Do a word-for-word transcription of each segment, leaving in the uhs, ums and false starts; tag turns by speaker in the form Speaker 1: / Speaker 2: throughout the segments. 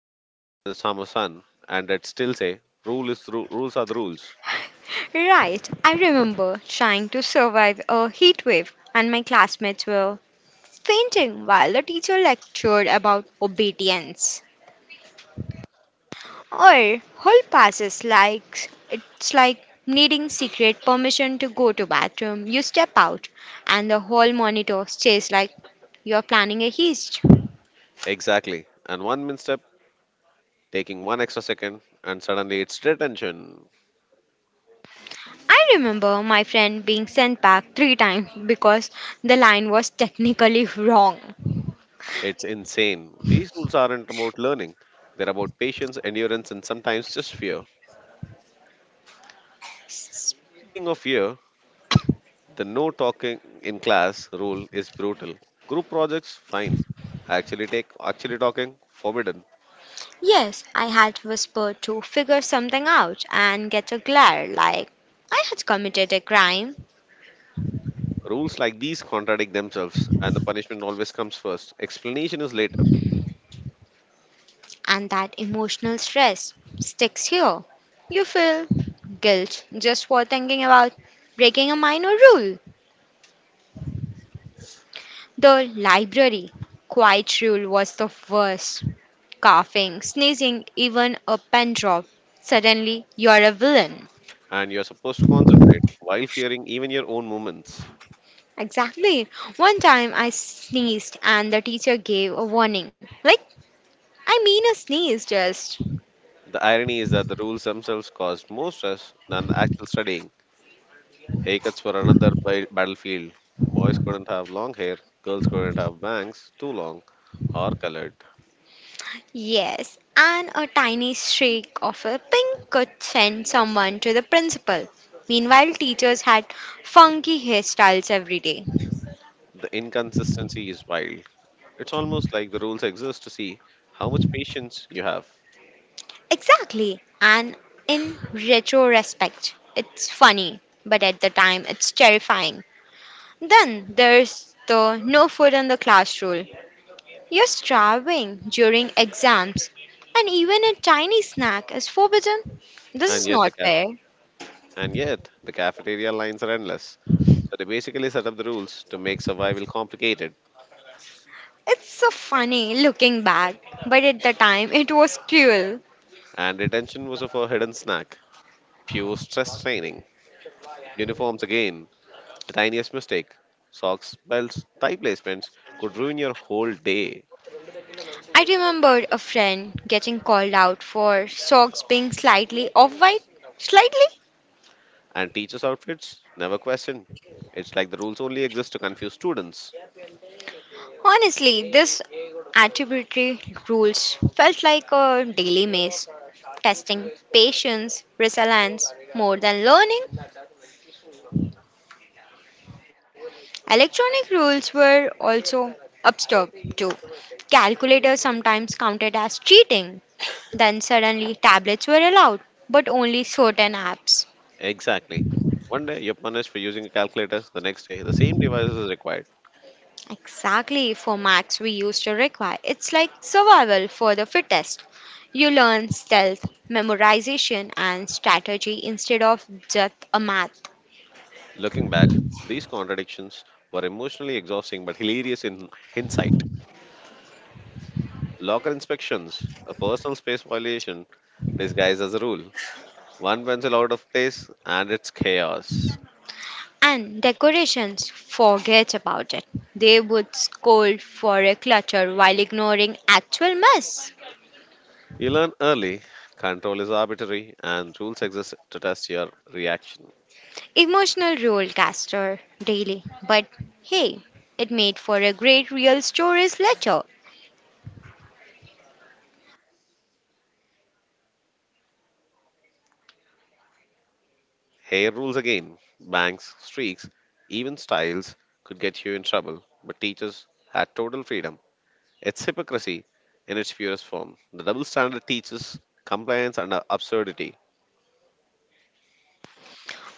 Speaker 1: You'd melt under the summer sun, and it'd still say, "Rule is ru- rules are the rules."
Speaker 2: Right, I remember trying to survive a heat wave, and my classmates were fainting while the teacher lectured about obedience. Or hall passes like it's like needing secret permission to go to bathroom. You step out and the hall monitor stares like you're planning a heist.
Speaker 1: Exactly. And one misstep, taking one extra second, and suddenly it's detention.
Speaker 2: I remember my friend being sent back three times because the line was technically wrong.
Speaker 1: It's insane. These rules aren't about learning; they're about patience, endurance, and sometimes just fear. Speaking of fear, the no talking in class rule is brutal. Group projects, fine. Actually take actually talking, forbidden.
Speaker 2: Yes, I had whispered to figure something out and get a glare like I had committed a crime.
Speaker 1: Rules like these contradict themselves and the punishment always comes first. Explanation is later,
Speaker 2: And that emotional stress sticks here. You feel guilt just for thinking about breaking a minor rule. The library quiet rule was the worst. Coughing, sneezing, even a pen drop. Suddenly, you're a villain.
Speaker 1: and you're supposed to concentrate while fearing even your own movements.
Speaker 2: Exactly. One time I sneezed and the teacher gave a warning. Like, I mean, a sneeze just.
Speaker 1: The irony is that the rules themselves caused more stress than the actual studying. Haircuts were another ba- battlefield. Boys couldn't have long hair, girls couldn't have bangs too long or colored.
Speaker 2: Yes, and a tiny streak of a pink could send someone to the principal. Meanwhile, teachers had funky hairstyles every day.
Speaker 1: The inconsistency is wild. It's almost like the rules exist to see how much patience you have,
Speaker 2: Exactly, and in retrospect, it's funny, but at the time, it's terrifying. Then there's the no food in the class rule. You're starving during exams, and even a tiny snack is forbidden. This
Speaker 1: and
Speaker 2: is
Speaker 1: yet the
Speaker 2: not
Speaker 1: cap-
Speaker 2: fair.
Speaker 1: and yet the cafeteria lines are endless. So they basically set up the rules to make survival complicated.
Speaker 2: It's so funny looking back, but at the time it was cruel.
Speaker 1: And detention was a forbidden snack, pure stress training. Uniforms again, the tiniest mistake, socks, belts, tie placements could ruin your whole day.
Speaker 2: I remembered a friend getting called out for socks being slightly off white. Slightly?
Speaker 1: And teachers' outfits never question. It's like the rules only exist to confuse students.
Speaker 2: Honestly, this attributory rules felt like a daily maze, testing patience, resilience more than learning. Electronic rules were also absurd too. Calculators sometimes counted as cheating. Then suddenly tablets were allowed, but only certain apps.
Speaker 1: Exactly. One day you're punished for using a calculator, the next day the same device is required.
Speaker 2: Exactly, for Macs we used to require. It's like survival for the fittest. You learn stealth, memorization, and strategy instead of just a math.
Speaker 1: Looking back, these contradictions were emotionally exhausting but hilarious in hindsight. Locker inspections, a personal space violation disguised as a rule. One pencil out of place, and it's chaos.
Speaker 2: And decorations, forget about it. They would scold for a clutter while ignoring actual mess.
Speaker 1: You learn early control is arbitrary, and rules exist to test your reaction.
Speaker 2: Emotional roller caster, daily, but hey, it made for a great real stories letter.
Speaker 1: Hair rules again, bangs, streaks, even styles could get you in trouble, but teachers had total freedom. It's hypocrisy in its purest form. The double standard teaches compliance and uh, absurdity.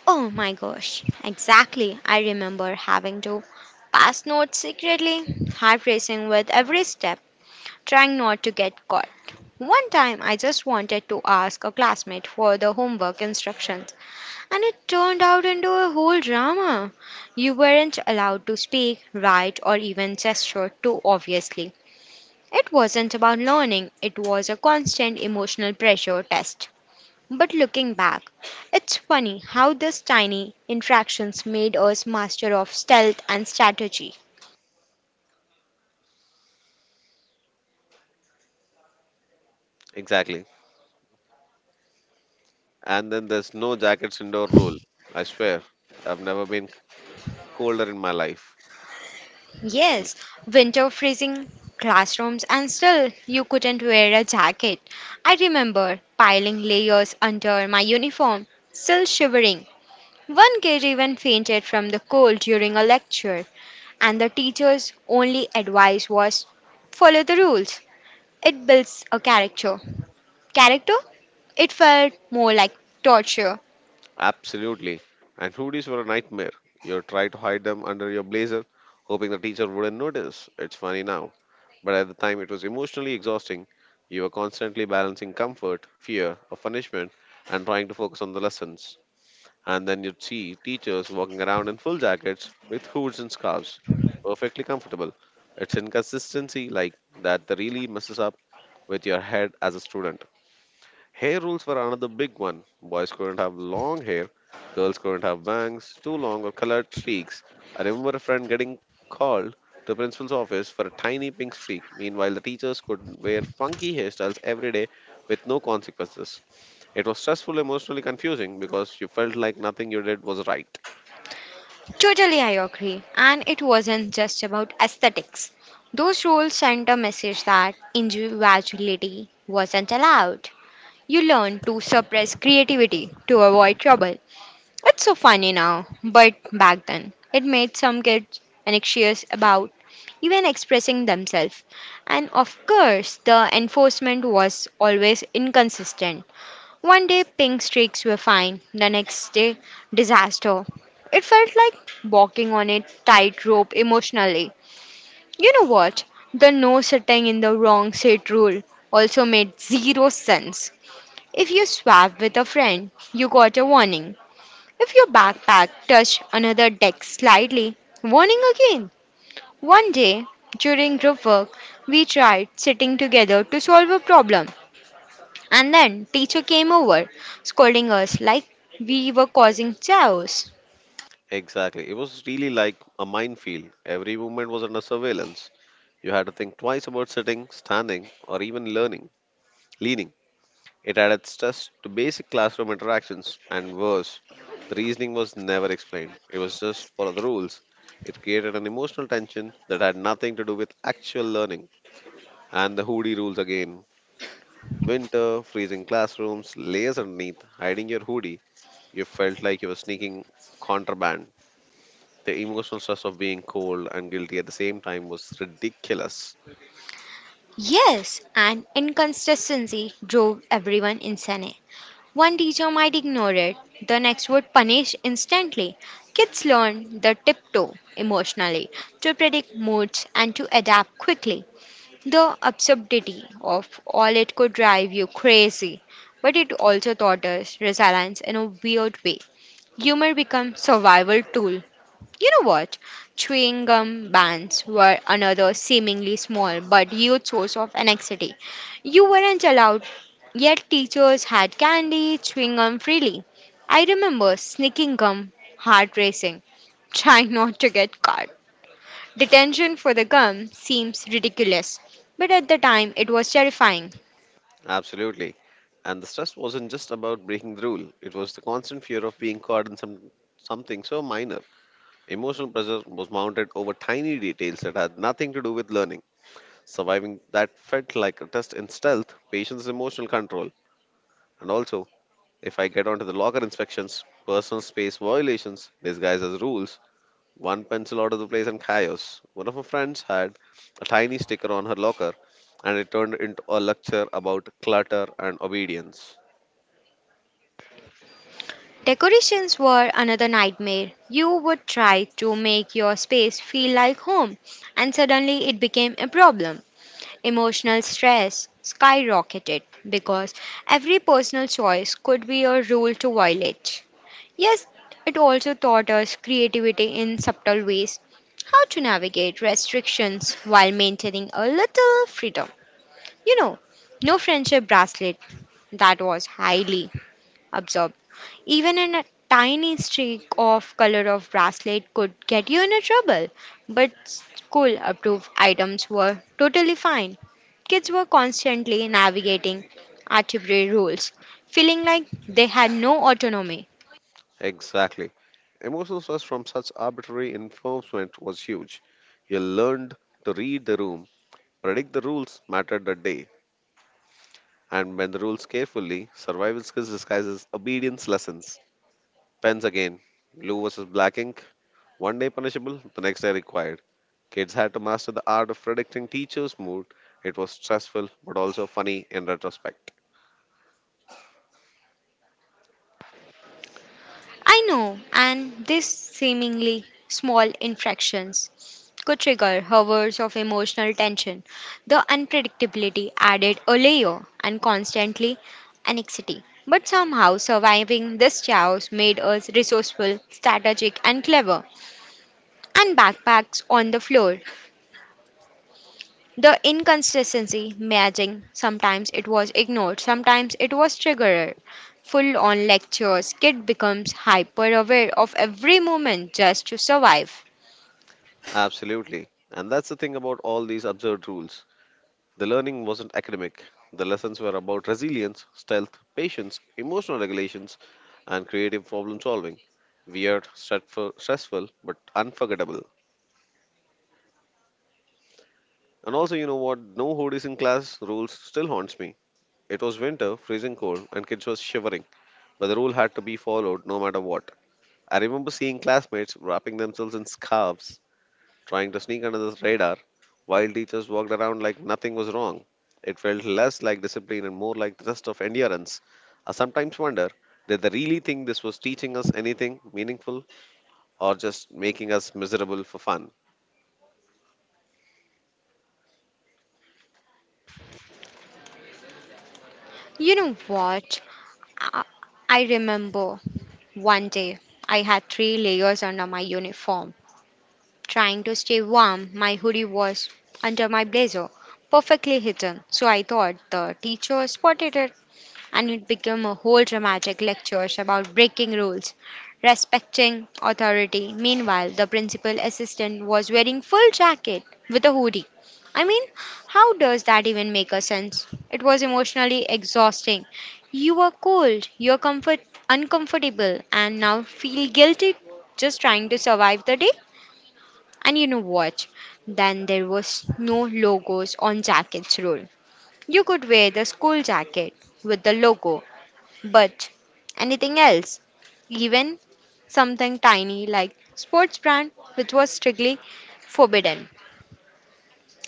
Speaker 2: Oh my gosh, exactly. I remember having to pass notes secretly, heart racing with every step, trying not to get caught. One time I just wanted to ask a classmate for the homework instructions, and it turned out into a whole drama. You weren't allowed to speak, write, or even gesture too obviously. It wasn't about learning, it was a constant emotional pressure test. But looking back, it's funny how these tiny interactions made us master of stealth and strategy.
Speaker 1: Exactly. And then there's no jackets indoor rule. I swear, I've never been colder in my life. Mm.
Speaker 2: Yes, winter freezing classrooms and still you couldn't wear a jacket. I remember piling layers under my uniform, still shivering. One kid even fainted from the cold during a lecture, and the teacher's only advice was follow the rules. It builds a character. Character? It felt more like torture.
Speaker 1: Absolutely. And hoodies were a nightmare. You try to hide them under your blazer, hoping the teacher wouldn't notice. It's funny now, but at the time it was emotionally exhausting. You were constantly balancing comfort, fear of punishment, and trying to focus on the lessons. And then you'd see teachers walking around in full jackets with hoods and scarves, perfectly comfortable. It's inconsistency like that that really messes up with your head as a student. Hair rules were another big one. Boys couldn't have long hair, girls couldn't have bangs, too long, or colored streaks. I remember a friend getting called to the principal's office for a tiny pink streak. Meanwhile, the teachers could wear funky hairstyles every day with no consequences. It was stressful, emotionally confusing because you felt like nothing you did was right.
Speaker 2: Totally, I agree. And it wasn't just about aesthetics. Those rules sent a message that individuality wasn't allowed. You learn to suppress creativity to avoid trouble. It's so funny now, but back then, it made some kids anxious about even expressing themselves. And of course, the enforcement was always inconsistent. One day pink streaks were fine, the next day, disaster. It felt like walking on a tightrope emotionally. You know what? The no sitting in the wrong seat rule also made zero sense. If you swap with a friend, you got a warning. If your backpack touched another deck slightly, warning again. One day, during group work, we tried sitting together to solve a problem. And then teacher came over, scolding us like we were causing chaos.
Speaker 1: Exactly. It was really like a minefield. Every movement was under surveillance. You had to think twice about sitting, standing, or even learning, leaning. It added stress to basic classroom interactions, and worse, the reasoning was never explained. It was just follow the rules. It created an emotional tension that had nothing to do with actual learning. And the hoodie rules again. Winter, freezing classrooms, layers underneath, hiding your hoodie. You felt like you were sneaking contraband. The emotional stress of being cold and guilty at the same time was ridiculous.
Speaker 2: Yes, and inconsistency drove everyone insane. One teacher might ignore it, the next would punish instantly. Kids learn the tiptoe emotionally to predict moods and to adapt quickly. The absurdity of all it could drive you crazy, but it also taught us resilience in a weird way. Humor becomes survival tool. You know what? Chewing gum bans were another seemingly small but huge source of anxiety. You weren't allowed, yet teachers had candy, chewing gum freely. I remember sneaking gum, heart racing, trying not to get caught. Detention for the gum seems ridiculous, but at the time it was terrifying.
Speaker 1: Absolutely. And the stress wasn't just about breaking the rule, it was the constant fear of being caught in some, something so minor. Emotional pressure was mounted over tiny details that had nothing to do with learning. Surviving that felt like a test in stealth, patience, emotional control. And also, if I get onto the locker inspections, personal space violations, disguised as rules, one pencil out of the place, and chaos. One of my friends had a tiny sticker on her locker, and it turned into a lecture about clutter and obedience.
Speaker 2: Decorations were another nightmare. You would try to make your space feel like home, and suddenly it became a problem. Emotional stress skyrocketed because every personal choice could be a rule to violate. Yes, it also taught us creativity in subtle ways, how to navigate restrictions while maintaining a little freedom. You know, no friendship bracelet that was highly absorbed. Even in a tiny streak of color of bracelet could get you into trouble, but school approved items were totally fine. Kids were constantly navigating arbitrary rules, feeling like they had no autonomy.
Speaker 1: Exactly. Emotional stress from such arbitrary enforcement was huge. You learned to read the room, predict the rules mattered that day, and bend the rules carefully. Survival skills disguises obedience lessons. Pens again. Blue versus black ink. One day punishable, the next day required. Kids had to master the art of predicting teachers' mood. It was stressful, but also funny in retrospect.
Speaker 2: I know, and these seemingly small infractions could trigger hours of emotional tension. The unpredictability added a layer and constantly anxiety. But somehow surviving this chaos made us resourceful, strategic, and clever. And backpacks on the floor. The inconsistency matching sometimes it was ignored, sometimes it was triggered. Full on lectures, kid becomes hyper aware of every moment just to survive.
Speaker 1: Absolutely. And that's the thing about all these absurd rules. The learning wasn't academic. The lessons were about resilience, stealth, patience, emotional regulations, and creative problem solving. Weird, stressful, stressful, but unforgettable. And also, you know what? No hoodies in class rules still haunts me. It was winter, freezing cold, and kids were shivering, but the rule had to be followed no matter what. I remember seeing classmates wrapping themselves in scarves trying to sneak under the radar, while teachers walked around like nothing was wrong. It felt less like discipline and more like the test of endurance. I sometimes wonder, did they really think this was teaching us anything meaningful or just making us miserable for fun?
Speaker 2: You know what? I I remember one day I had three layers under my uniform. Trying to stay warm, my hoodie was under my blazer, perfectly hidden. So I thought the teacher spotted it. And it became a whole dramatic lectures about breaking rules, respecting authority. Meanwhile, the principal assistant was wearing full jacket with a hoodie. I mean, how does that even make a sense? It was emotionally exhausting. You are cold, you're comfort uncomfortable, and now feel guilty just trying to survive the day. And you know what? Then there was no logos on jackets rule. You could wear the school jacket with the logo but anything else, even something tiny like sports brand, which was strictly forbidden.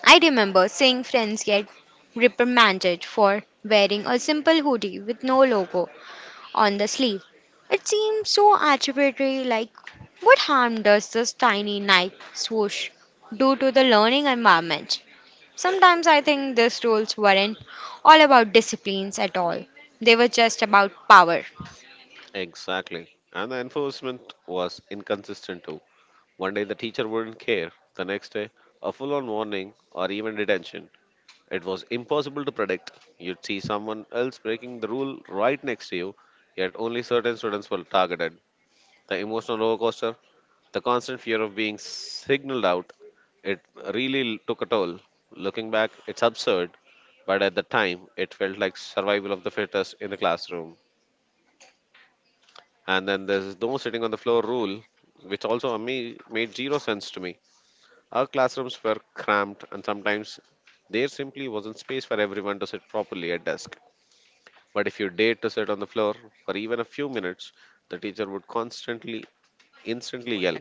Speaker 2: I remember seeing friends get reprimanded for wearing a simple hoodie with no logo on the sleeve. It seems so arbitrary, like, what harm does this tiny Nike swoosh do to the learning environment? Sometimes I think these rules weren't all about disciplines at all, they were just about power.
Speaker 1: Exactly. And the enforcement was inconsistent too. One day the teacher wouldn't care, the next day, a full on warning or even detention. It was impossible to predict. You'd see someone else breaking the rule right next to you, yet only certain students were targeted. The emotional roller coaster, the constant fear of being signaled out. It really took a toll. Looking back, it's absurd, but at the time, it felt like survival of the fittest in the classroom. And then there's no sitting on the floor rule, which also me made zero sense to me. Our classrooms were cramped, and sometimes there simply wasn't space for everyone to sit properly at desk. But if you dared to sit on the floor for even a few minutes, the teacher would constantly, instantly yell,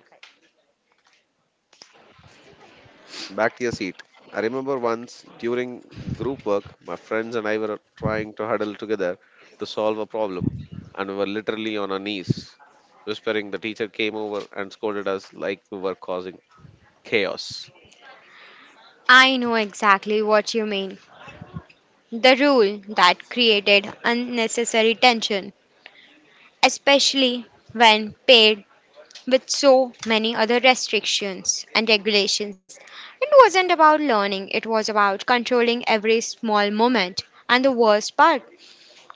Speaker 1: "Back to your seat." I remember once during group work, my friends and I were trying to huddle together to solve a problem, and we were literally on our knees, whispering. The teacher came over and scolded us like we were causing chaos.
Speaker 2: I know exactly what you mean. The rule that created unnecessary tension, especially when paired with so many other restrictions and regulations. It wasn't about learning, it was about controlling every small moment. And the worst part,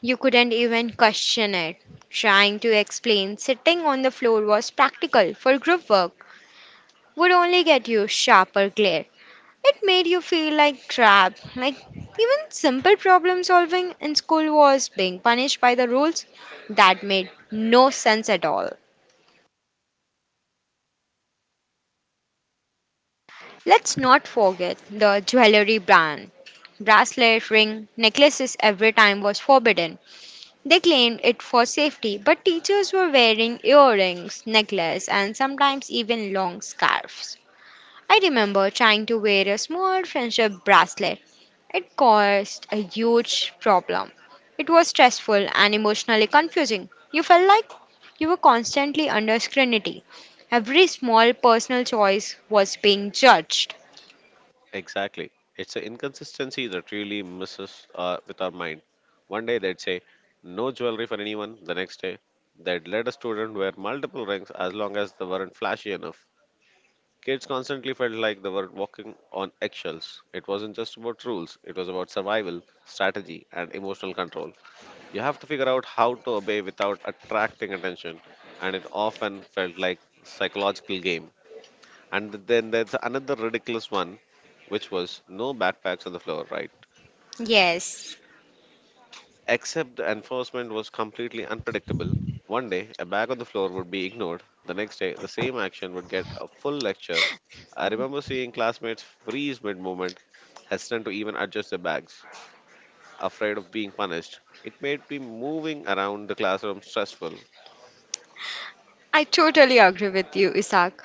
Speaker 2: you couldn't even question it. Trying to explain sitting on the floor was practical for group work would only get you sharper glare. It made you feel like crap. Like even simple problem solving in school was being punished by the rules that made no sense at all. Let's not forget the jewelry ban. Bracelet, ring, necklaces every time was forbidden. They claimed it for safety, but teachers were wearing earrings, necklace, and sometimes even long scarves. I remember trying to wear a small friendship bracelet. It caused a huge problem. It was stressful and emotionally confusing. You felt like you were constantly under scrutiny. Every small personal choice was being judged.
Speaker 1: Exactly. It's an inconsistency that really messes uh, with our mind. One day they'd say, no jewelry for anyone. The next day, they'd let a student wear multiple rings as long as they weren't flashy enough. Kids constantly felt like they were walking on eggshells. It wasn't just about rules, it was about survival, strategy, and emotional control. You have to figure out how to obey without attracting attention, and it often felt like psychological game. And then there's another ridiculous one, which was no backpacks on the floor, right?
Speaker 2: Yes,
Speaker 1: Except the enforcement was completely unpredictable. One day, a bag on the floor would be ignored. The next day, the same action would get a full lecture. I remember seeing classmates freeze mid movement, hesitant to even adjust their bags, afraid of being punished. It made me moving around the classroom stressful.
Speaker 2: I totally agree with you, Isaac.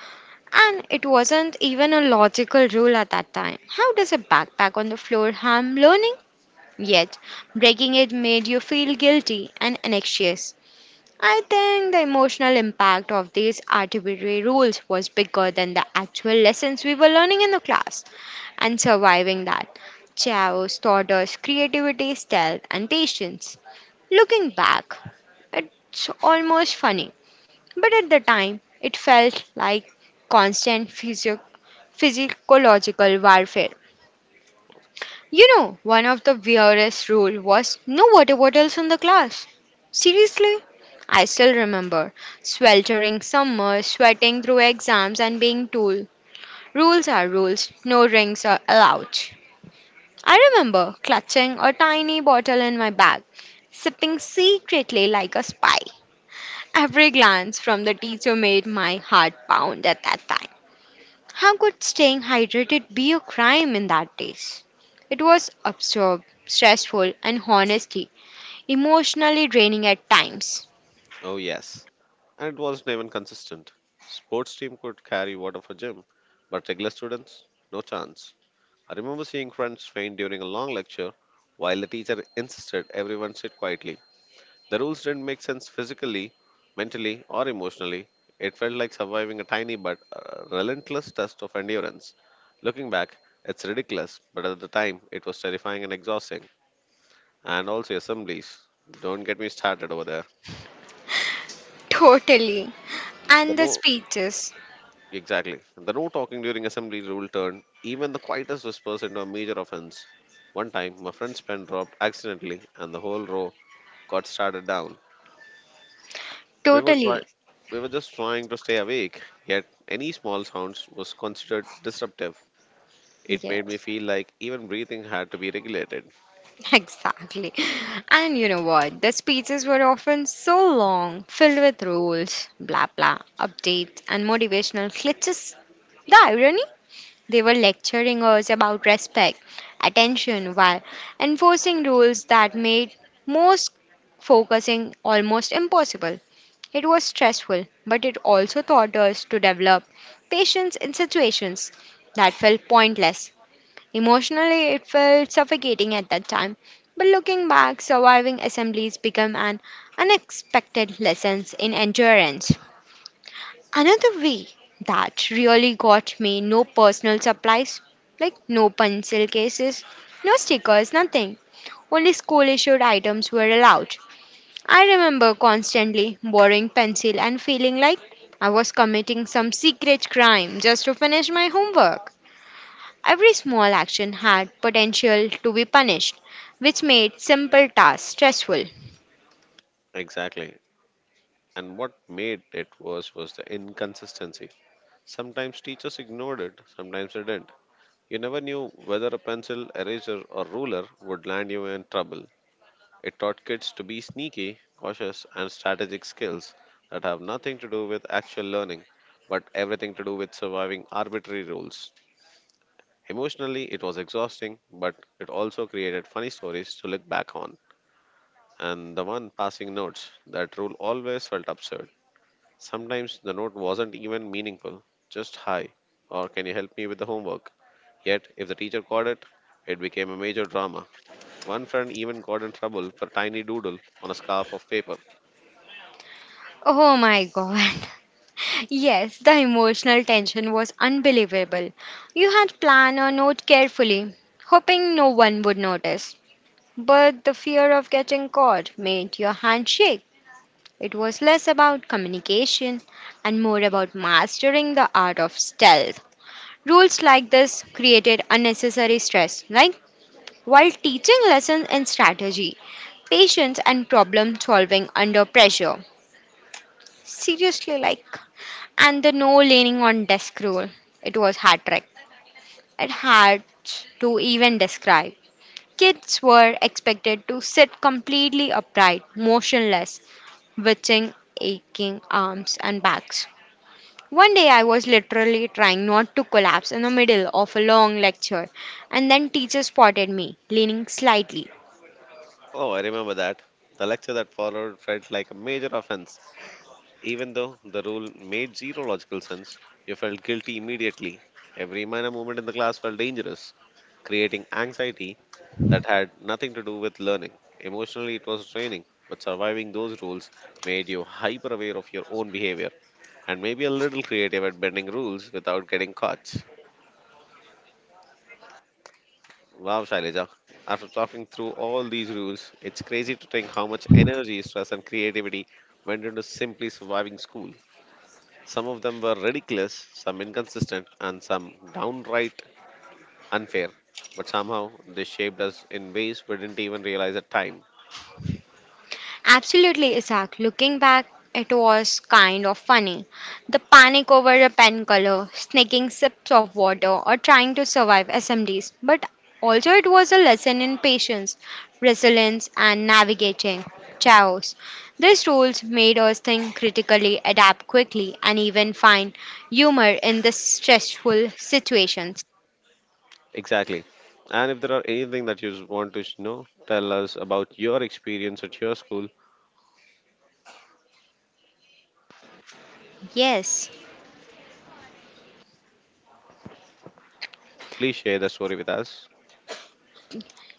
Speaker 2: And it wasn't even a logical rule at that time. How does a backpack on the floor harm learning? Yet, breaking it made you feel guilty and anxious. I think the emotional impact of these arbitrary rules was bigger than the actual lessons we were learning in the class. And surviving that, chaos taught us creativity, stealth, and patience. Looking back, it's almost funny, but at the time, it felt like constant physio- physiological warfare. You know, one of the weirdest rule was no water bottles in the class. Seriously? I still remember sweltering summer, sweating through exams and being told rules are rules, no drinks are allowed. I remember clutching a tiny bottle in my bag, sipping secretly like a spy. Every glance from the teacher made my heart pound at that time. How could staying hydrated be a crime in that days? It was absurd, stressful, and honestly, emotionally draining at times.
Speaker 1: Oh, yes. And it wasn't even consistent. Sports team could carry water for gym, but regular students, no chance. I remember seeing friends faint during a long lecture while the teacher insisted everyone sit quietly. The rules didn't make sense physically, mentally, or emotionally. It felt like surviving a tiny but uh, relentless test of endurance. Looking back, it's ridiculous, but at the time, it was terrifying and exhausting. And also assemblies. Don't get me started over there.
Speaker 2: Totally.
Speaker 1: The
Speaker 2: And the
Speaker 1: no,
Speaker 2: speeches.
Speaker 1: exactly. The no talking during assembly rule turned even the quietest whispers into a major offense. One time, my friend's pen dropped accidentally, and the whole row got started down. We were try-
Speaker 2: Totally.
Speaker 1: we were just trying to stay awake, yet any small sounds was considered disruptive. It made me
Speaker 2: Yes.
Speaker 1: feel like even breathing had to be regulated.
Speaker 2: Exactly. And you know what? The speeches were often so long, filled with rules, blah blah, updates, and motivational glitches. The irony? They were lecturing us about respect, attention, while enforcing rules that made most focusing almost impossible. It was stressful, but it also taught us to develop patience in situations that felt pointless. Emotionally, it felt suffocating at that time, but looking back, surviving assemblies became an unexpected lesson in endurance. Another way that really got me no personal supplies, like no pencil cases, no stickers, nothing. Only school issued items were allowed. I remember constantly borrowing pencil and feeling like I was committing some secret crime just to finish my homework. Every small action had potential to be punished, which made simple tasks stressful.
Speaker 1: Exactly. And what made it worse was the inconsistency. Sometimes teachers ignored it, sometimes they didn't. You never knew whether a pencil, eraser, or ruler would land you in trouble. It taught kids to be sneaky, cautious, and strategic skills that have nothing to do with actual learning, but everything to do with surviving arbitrary rules. Emotionally, it was exhausting, but it also created funny stories to look back on. And the one passing notes, that rule always felt absurd. Sometimes the note wasn't even meaningful, just hi, or can you help me with the homework? Yet, if the teacher caught it, it became a major drama. One friend even got in trouble for tiny doodle on a scarf of paper.
Speaker 2: Oh my god. Yes, the emotional tension was unbelievable. You had planned a note carefully, hoping no one would notice. But the fear of getting caught made your hand shake. It was less about communication and more about mastering the art of stealth. Rules like this created unnecessary stress, like, while teaching lessons in strategy, patience, and problem solving under pressure. Seriously, like, and the no leaning on desk rule. It was hard It had to even describe. Kids were expected to sit completely upright, motionless, twitching, aching arms and backs. One day I was literally trying not to collapse in the middle of a long lecture, and then teacher spotted me, leaning slightly.
Speaker 1: Oh, I remember that. The lecture that followed felt like a major offense. Even though the rule made zero logical sense, you felt guilty immediately. Every minor movement in the class felt dangerous, creating anxiety that had nothing to do with learning. Emotionally, it was draining, but surviving those rules made you hyper aware of your own behavior and maybe a little creative at bending rules without getting caught. Wow, Shailaja. After talking through all these rules, it's crazy to think how much energy, stress, and creativity went into simply surviving school. Some of them were ridiculous, some inconsistent, and some downright unfair. But somehow they shaped us in ways we didn't even realize at time.
Speaker 2: Absolutely, Isaac. Looking back, it was kind of funny. The panic over a pen color, sneaking sips of water, or trying to survive S M Ds. But also, it was a lesson in patience, resilience, and navigating chaos. These rules made us think critically, adapt quickly, and even find humor in the stressful situations.
Speaker 1: Exactly. And if there are anything that you s- want to s- know, tell us about your experience at your school,
Speaker 2: Yes.
Speaker 1: please share the story with us.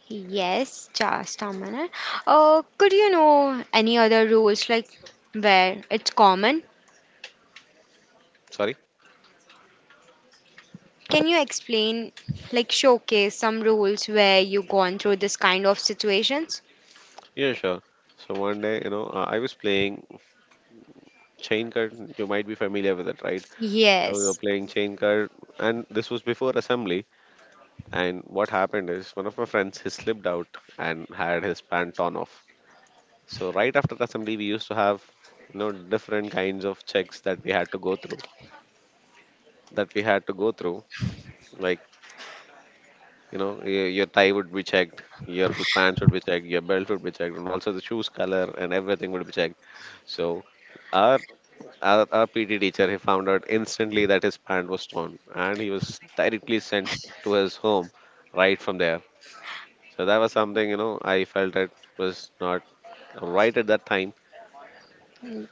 Speaker 2: Yes, just a minute. Uh, could you know any other rules like where it's common?
Speaker 1: Sorry?
Speaker 2: Can you explain, like showcase some rules where you've gone through this kind of situations?
Speaker 1: Yeah, sure. So one day, you know, uh, I was playing chain card. You might be familiar with it, right? So we were
Speaker 2: Yes,
Speaker 1: playing chain card, and this was before assembly. And what happened is one of my friends he slipped out and had his pant torn off. So right after assembly, we used to have you know different kinds of checks that we had to go through. That we had to go through, like you know y- your tie would be checked, your pants would be checked, your belt would be checked, and also the shoes color and everything would be checked. So our our, our P T teacher he found out instantly that his pant was torn, and he was directly sent to his home right from there. So that was something, you know, I felt it was not right at that time.
Speaker 2: mm,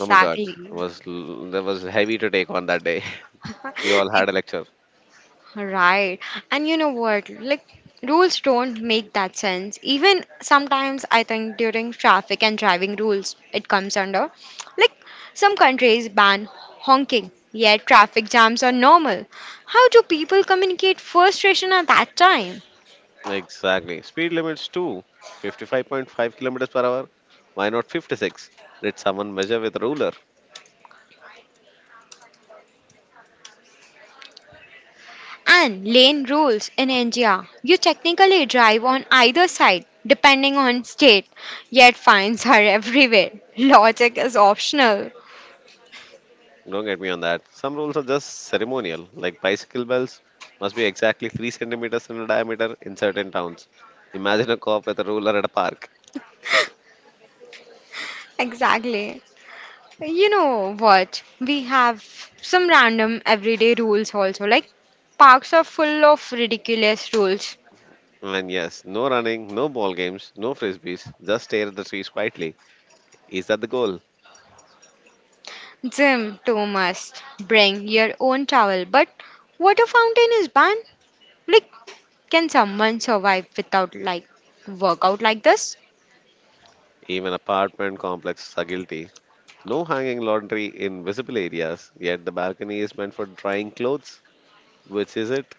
Speaker 1: Oh my God, it was l- that was heavy to take on that day. We all had a lecture.
Speaker 2: Right. And you know what? Like, rules don't make that sense. Even sometimes, I think during traffic and driving rules, it comes under. Like, some countries ban honking, yet traffic jams are normal. How do people communicate frustration at that time?
Speaker 1: Exactly. Speed limits too. fifty-five point five kilometers per hour. Why not fifty-six? Did someone measure with a ruler?
Speaker 2: And lane rules in India. You technically drive on either side depending on state, yet fines are everywhere. Logic is optional.
Speaker 1: Don't get me on that. Some rules are just ceremonial, like bicycle bells must be exactly three centimeters in diameter in certain towns. Imagine a cop with a ruler at a park.
Speaker 2: Exactly. You know what? We have some random everyday rules also. Like, parks are full of ridiculous rules.
Speaker 1: And yes, no running, no ball games, no frisbees, just stare at the trees quietly. Is that the goal?
Speaker 2: Gym too must bring your own towel, but water fountain is banned. Like, can someone survive without like workout like this?
Speaker 1: Even apartment complexes are guilty. No hanging laundry in visible areas, yet the balcony is meant for drying clothes. Which is it?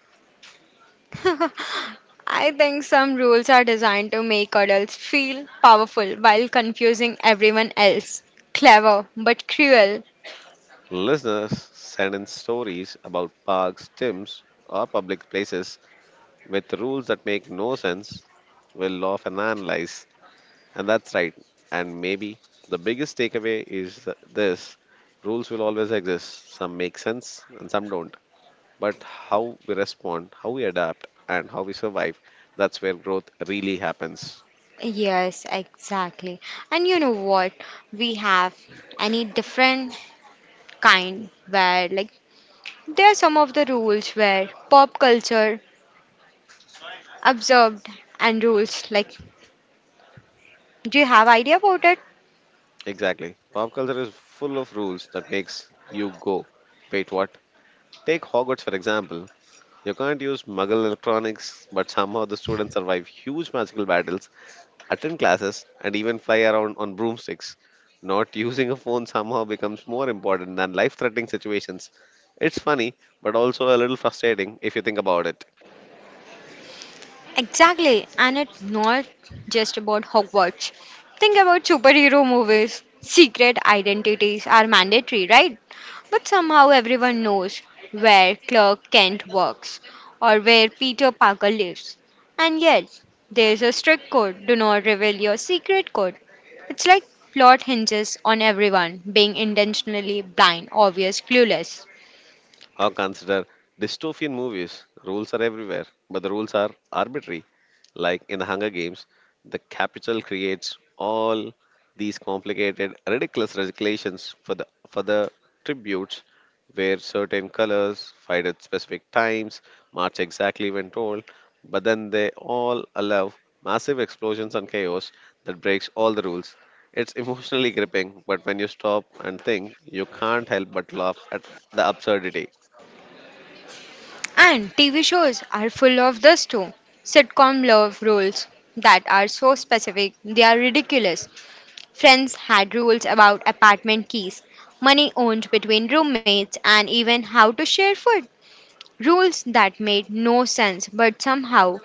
Speaker 2: I think some rules are designed to make adults feel powerful while confusing everyone else. Clever but cruel.
Speaker 1: Listeners, send in stories about parks, gyms, or public places with rules that make no sense. We'll laugh and analyze. And that's right. And maybe the biggest takeaway is this: rules will always exist. Some make sense and some don't, but how we respond, how we adapt, and how we survive. That's where growth really happens.
Speaker 2: Yes, exactly. And you know what? We have any different kind where, like, there are some of the rules where pop culture observed and rules. Like, do you have idea about it?
Speaker 1: Exactly. Pop culture is full of rules that makes you go, wait, what? Take Hogwarts for example. You can't use muggle electronics, but somehow the students survive huge magical battles, attend classes, and even fly around on broomsticks. Not using a phone somehow becomes more important than life threatening situations. It's funny, but also a little frustrating if you think about it.
Speaker 2: Exactly, and it's not just about Hogwarts. Think about superhero movies. Secret identities are mandatory, right? But somehow everyone knows where Clark Kent works or where Peter Parker lives. And yet, there's a strict code, do not reveal your secret code. It's like plot hinges on everyone being intentionally blind, obvious, clueless.
Speaker 1: Or consider dystopian movies. Rules are everywhere, but the rules are arbitrary. Like in the Hunger Games, the capital creates all these complicated, ridiculous regulations for the for the tributes, where certain colors fight at specific times, march exactly when told, but then they all allow massive explosions and chaos that breaks all the rules. It's emotionally gripping, but when you stop and think, you can't help but laugh at the absurdity.
Speaker 2: And T V shows are full of this too. Sitcom love rules that are so specific, they are ridiculous. Friends had rules about apartment keys, money owned between roommates, and even how to share food. Rules that made no sense but somehow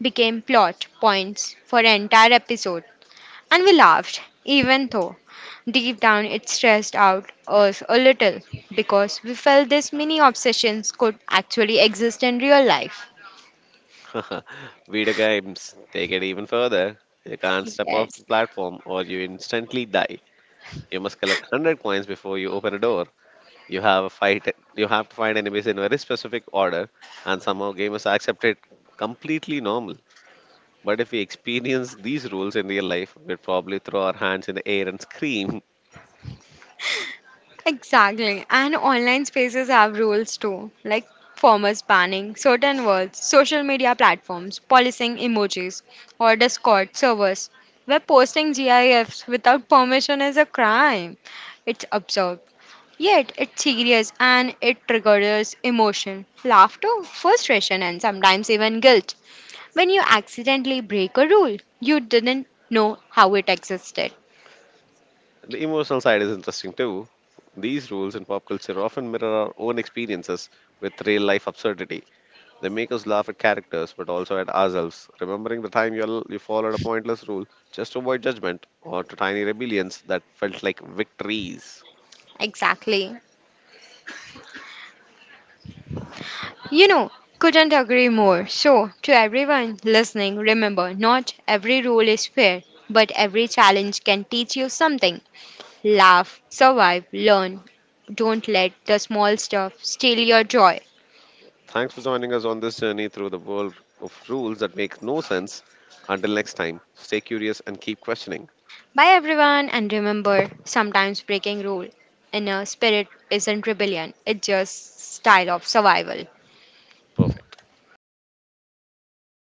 Speaker 2: became plot points for an entire episode. And we laughed, even though deep down it stressed out us a little because we felt these mini obsessions could actually exist in real life.
Speaker 1: Video games take it even further. You can't step off
Speaker 2: Yes,
Speaker 1: the platform or you instantly die. You must collect one hundred coins before you open a door. You have a fight you have to fight enemies in very specific order and somehow gamers accept it completely normal. But if we experience these rules in real life, we'd probably throw our hands in the air and scream.
Speaker 2: exactly. And online spaces have rules too, like formers banning certain words, social media platforms, policing emojis, or Discord servers, where posting GIFs without permission is a crime. It's absurd. Yet, it's serious and it triggers emotion, laughter, frustration, and sometimes even guilt. When you accidentally break a rule, you didn't know how it existed.
Speaker 1: The emotional side is interesting too. These rules in pop culture often mirror our own experiences with real life absurdity. They make us laugh at characters, but also at ourselves, remembering the time you, you followed a pointless rule just to avoid judgment or to tiny rebellions that felt like victories.
Speaker 2: Exactly. You know, couldn't agree more. So, to everyone listening, remember not every rule is fair, but every challenge can teach you something. Laugh, survive, learn. Don't let the small stuff steal your joy.
Speaker 1: Thanks for joining us on this journey through the world of rules that make no sense. Until next time, stay curious and keep questioning.
Speaker 2: Bye, everyone, and remember sometimes breaking rule in a spirit isn't rebellion, it's just style of survival.
Speaker 1: Perfect.
Speaker 2: Bye.